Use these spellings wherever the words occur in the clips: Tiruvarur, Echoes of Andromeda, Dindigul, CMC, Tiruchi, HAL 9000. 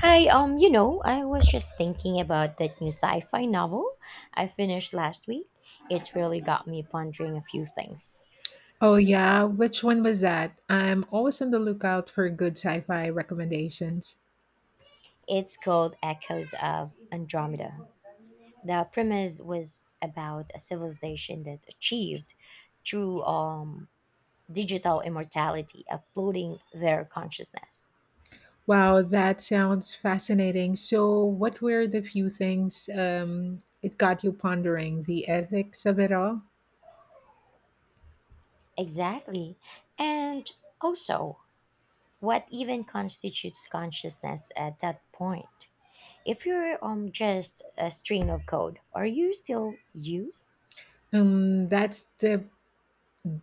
I was just thinking about that new sci-fi novel I finished last week. It really got me pondering a few things. Oh, yeah. Which one was that? I'm always on the lookout for good sci fi recommendations. It's called Echoes of Andromeda. The premise was about a civilization that achieved true digital immortality, uploading their consciousness. Wow, that sounds fascinating. So, what were the few things it got you pondering? The ethics of it all? Exactly. And also, what even constitutes consciousness at that point? If you're just a string of code, are you still you? That's the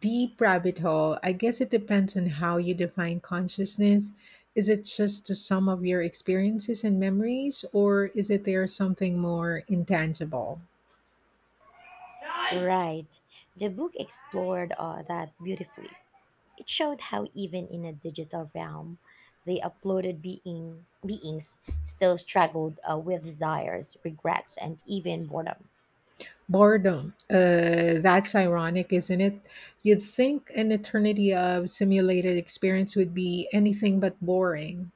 deep rabbit hole. I guess it depends on how you define consciousness. Is it just the sum of your experiences and memories, or is it there something more intangible? Right. The book explored that beautifully. It showed how even in a digital realm, the uploaded beings still struggled with desires, regrets, and even boredom. Boredom. That's ironic, isn't it? You'd think an eternity of simulated experience would be anything but boring.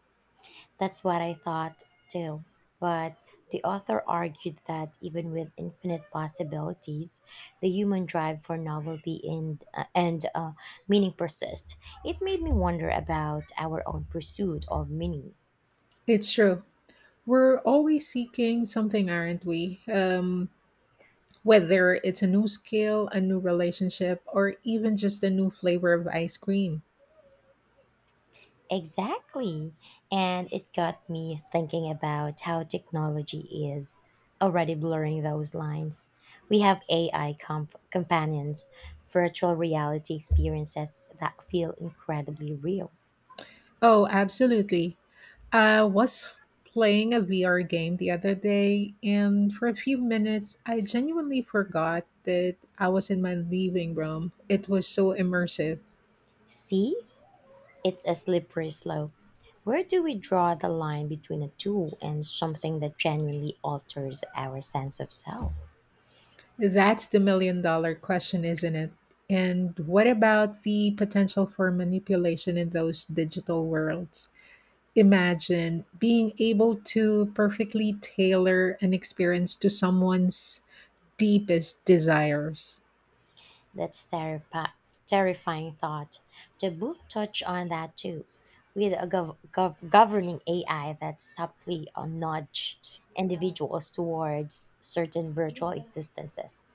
That's what I thought too. But the author argued that even with infinite possibilities, the human drive for novelty and meaning persists. It made me wonder about our own pursuit of meaning. It's true. We're always seeking something, aren't we? Whether it's a new skill, a new relationship, or even just a new flavor of ice cream. Exactly. And it got me thinking about how technology is already blurring those lines. We have AI companions, virtual reality experiences that feel incredibly real. Oh, absolutely. I was playing a VR game the other day, and for a few minutes, I genuinely forgot that I was in my living room. It was so immersive. See, it's a slippery slope. Where do we draw the line between a tool and something that genuinely alters our sense of self? That's the million-dollar question, isn't it? And what about the potential for manipulation in those digital worlds? Imagine being able to perfectly tailor an experience to someone's deepest desires. That's terrifi- terrifying thought. The book touched on that too, with a governing AI that subtly nudge individuals towards certain virtual existences.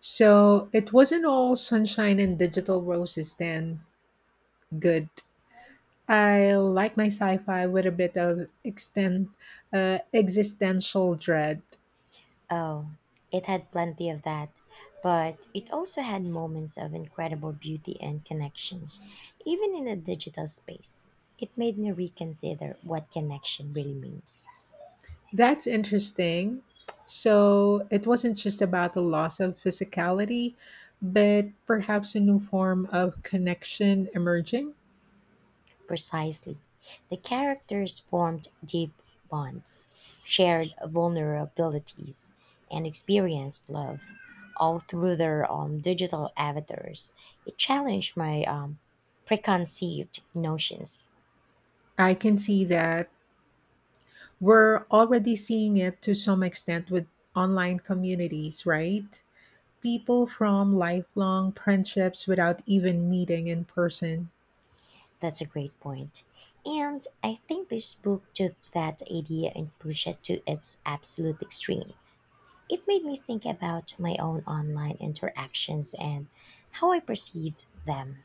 So it wasn't all sunshine and digital roses then. Good. I like my sci fi with a bit of extent, existential dread. Oh, it had plenty of that, but it also had moments of incredible beauty and connection, even in a digital space. It made me reconsider what connection really means. That's interesting. So it wasn't just about the loss of physicality, but perhaps a new form of connection emerging. Precisely. The characters formed deep bonds, shared vulnerabilities, and experienced love, all through their digital avatars. It challenged my preconceived notions. I can see that we're already seeing it to some extent with online communities, right? People from lifelong friendships without even meeting in person. That's a great point. And I think this book took that idea and pushed it to its absolute extreme. It made me think about my own online interactions and how I perceived them.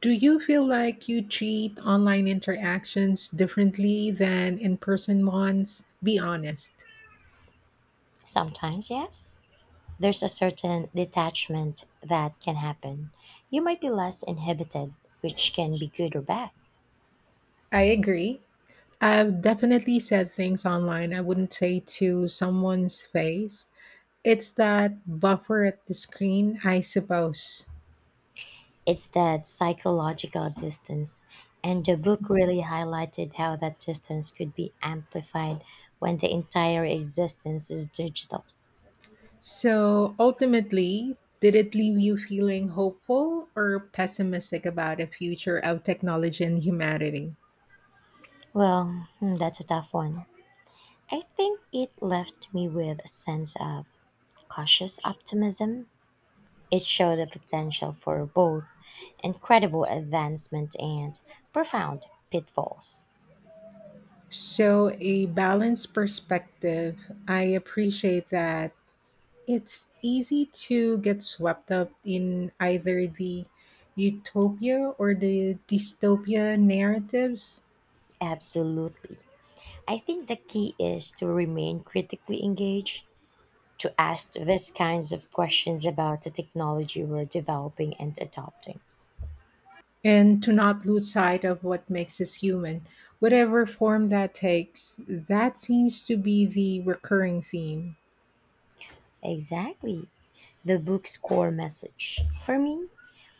Do you feel like you treat online interactions differently than in person ones? Be honest. Sometimes, yes, there's a certain detachment that can happen. You might be less inhibited, which can be good or bad. I agree. I've definitely said things online I wouldn't say to someone's face. It's that buffer at the screen, I suppose. It's that psychological distance. And the book really highlighted how that distance could be amplified when the entire existence is digital. So ultimately, did it leave you feeling hopeful or pessimistic about the future of technology and humanity? Well, hmm, that's a tough one. I think it left me with a sense of cautious optimism. It showed the potential for both incredible advancement and profound pitfalls. So, a balanced perspective, I appreciate that. It's easy to get swept up in either the utopia or the dystopia narratives, Absolutely. I think the key is to remain critically engaged, to ask these kinds of questions about the technology we're developing and adopting. and to not lose sight of what makes us human. Whatever form that takes, that seems to be the recurring theme. Exactly. The book's core message for me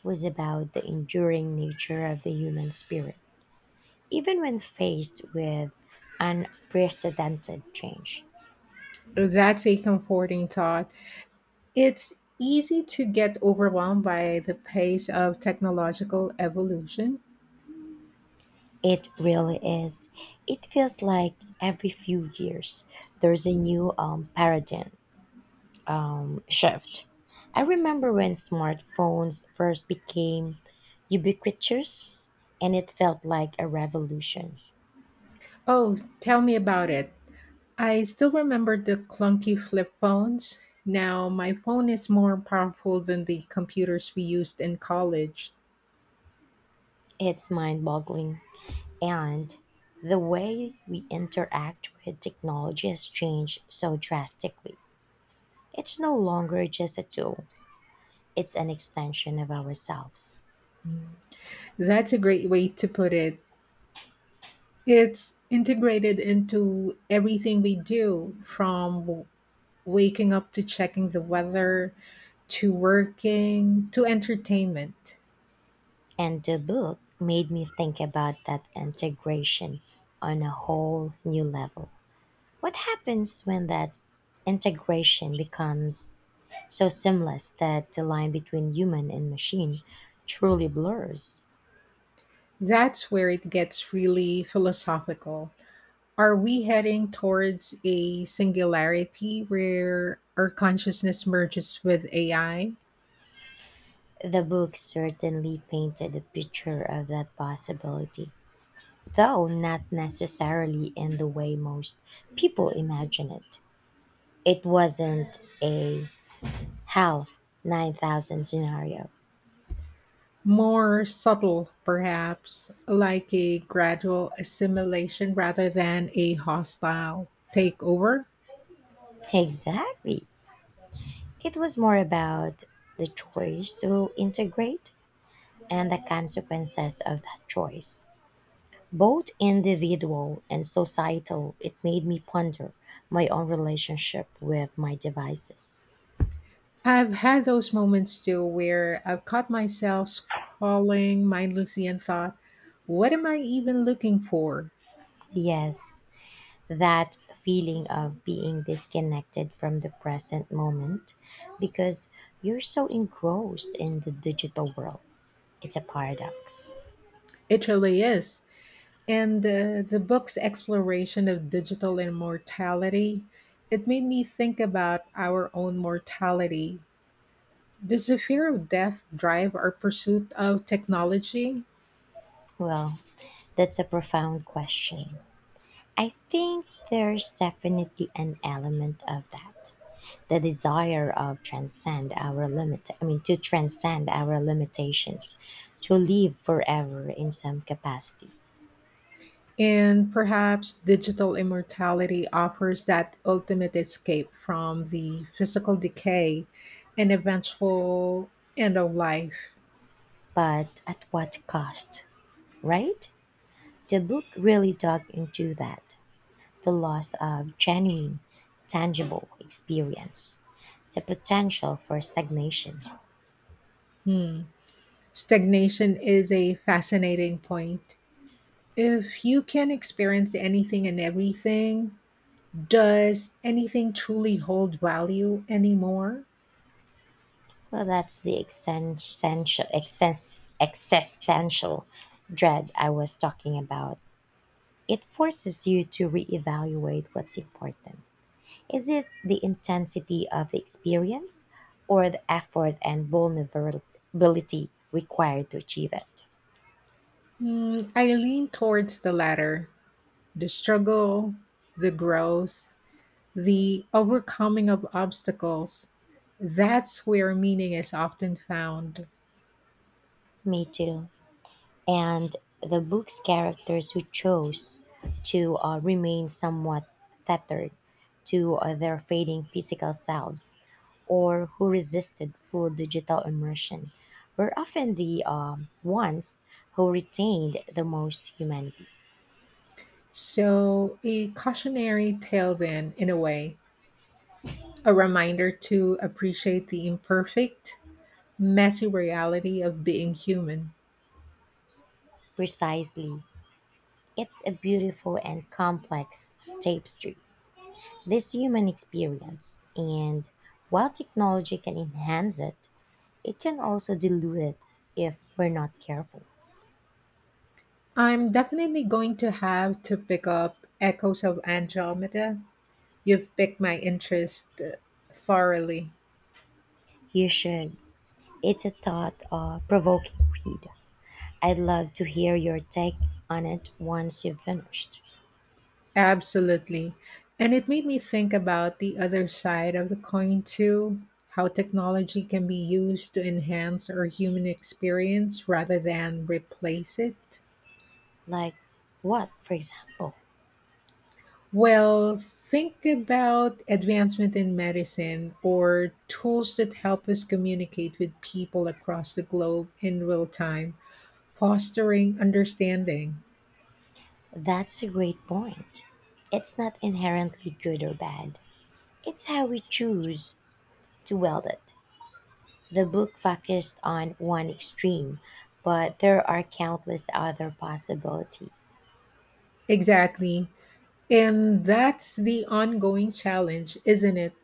was about the enduring nature of the human spirit, even when faced with unprecedented change. That's a comforting thought. It's easy to get overwhelmed by the pace of technological evolution. It really is. It feels like every few years there's a new paradigm shift. I remember when smartphones first became ubiquitous and it felt like a revolution. Oh, tell me about it. I still remember the clunky flip phones. Now my phone is more powerful than the computers we used in college. It's mind boggling. And the way we interact with technology has changed so drastically. It's no longer just a tool, it's an extension of ourselves. That's a great way to put it. It's integrated into everything we do, from waking up to checking the weather to working to entertainment. And the book made me think about that integration on a whole new level. What happens when that integration becomes so seamless that the line between human and machine truly blurs? That's where it gets really philosophical. Are we heading towards a singularity where our consciousness merges with AI? The book certainly painted a picture of that possibility, though not necessarily in the way most people imagine it. It wasn't a HAL 9000 scenario. More subtle, perhaps, like a gradual assimilation rather than a hostile takeover? Exactly. It was more about the choice to integrate and the consequences of that choice, both individual and societal. It made me ponder my own relationship with my devices. I've had those moments too where I've caught myself scrolling mindlessly and thought, what am I even looking for? Yes, that feeling of being disconnected from the present moment because you're so engrossed in the digital world. It's a paradox. It really is. And the book's exploration of digital immortality, it made me think about our own mortality. Does the fear of death drive our pursuit of technology? Well, that's a profound question. I think there's definitely an element of that. The desire of transcend our limit I mean to transcend our limitations, to live forever in some capacity. And perhaps digital immortality offers that ultimate escape from the physical decay and eventual end of life. But at what cost, right? The book really dug into that, the loss of genuine tangible experience, the potential for stagnation. Hmm. Stagnation is a fascinating point. If you can experience anything and everything, does anything truly hold value anymore? Well, that's the existential dread I was talking about. It forces you to reevaluate what's important. Is it the intensity of the experience or the effort and vulnerability required to achieve it? Mm, I lean towards the latter, the struggle, the growth, the overcoming of obstacles. That's where meaning is often found. Me too. And the book's characters who chose to remain somewhat tethered to their fading physical selves, or who resisted full digital immersion, were often the ones who retained the most humanity. So, a cautionary tale, then, in a way, a reminder to appreciate the imperfect, messy reality of being human. Precisely. It's a beautiful and complex tapestry, this human experience. And while technology can enhance it, it can also dilute it if we're not careful. I'm definitely going to have to pick up Echoes of Andromeda. You've piqued my interest thoroughly. You should. It's a thought provoking read. I'd love to hear your take on it once you've finished. Absolutely. And it made me think about the other side of the coin, too, how technology can be used to enhance our human experience rather than replace it. Like what, for example? Well, think about advancement in medicine or tools that help us communicate with people across the globe in real time, fostering understanding. That's a great point. It's not inherently good or bad, it's how we choose to wield it. The book focused on one extreme, but there are countless other possibilities. Exactly. And that's the ongoing challenge, isn't it?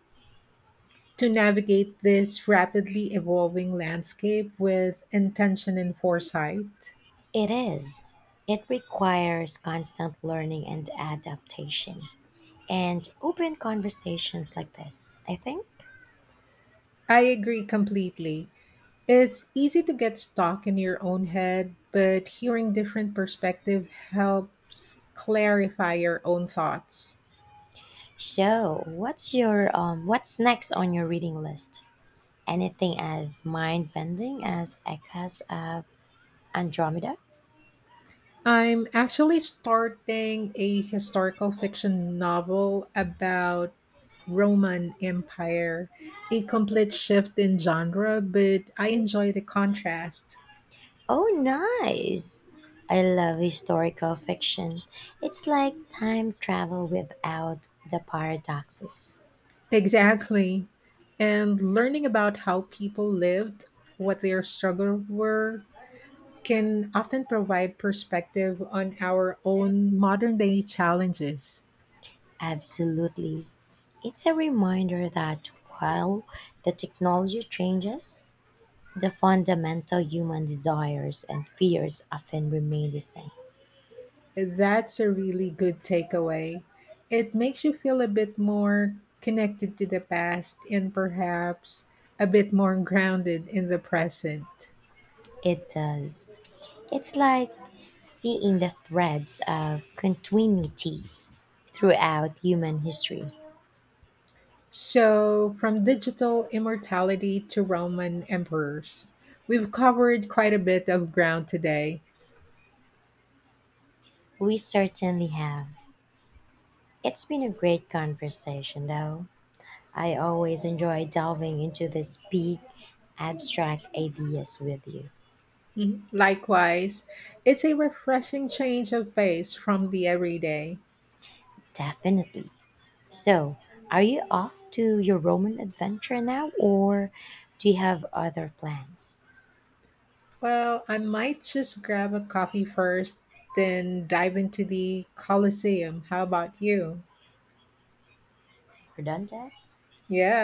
To navigate this rapidly evolving landscape with intention and foresight. It is. It requires constant learning and adaptation and open conversations like this, I think. I agree completely. It's easy to get stuck in your own head, but hearing different perspective helps clarify your own thoughts. So, what's your what's next on your reading list? Anything as mind-bending as Echoes of Andromeda? I'm actually starting a historical fiction novel about Roman Empire, a complete shift in genre, but I enjoy the contrast. Oh, nice! I love historical fiction. It's like time travel without the paradoxes. Exactly. And learning about how people lived, what their struggles were, can often provide perspective on our own modern day challenges. Absolutely. It's a reminder that while the technology changes, the fundamental human desires and fears often remain the same. That's a really good takeaway. It makes you feel a bit more connected to the past and perhaps a bit more grounded in the present. It does. It's like seeing the threads of continuity throughout human history. So, from digital immortality to Roman emperors, we've covered quite a bit of ground today. We certainly have. It's been a great conversation, though. I always enjoy delving into these big, abstract ideas with you. Mhm. Likewise, it's a refreshing change of pace from the everyday. Definitely. So, are you off to your Roman adventure now, or do you have other plans? Well, I might just grab a coffee first, then dive into the Colosseum. How about you? We're done, Dad? Yeah,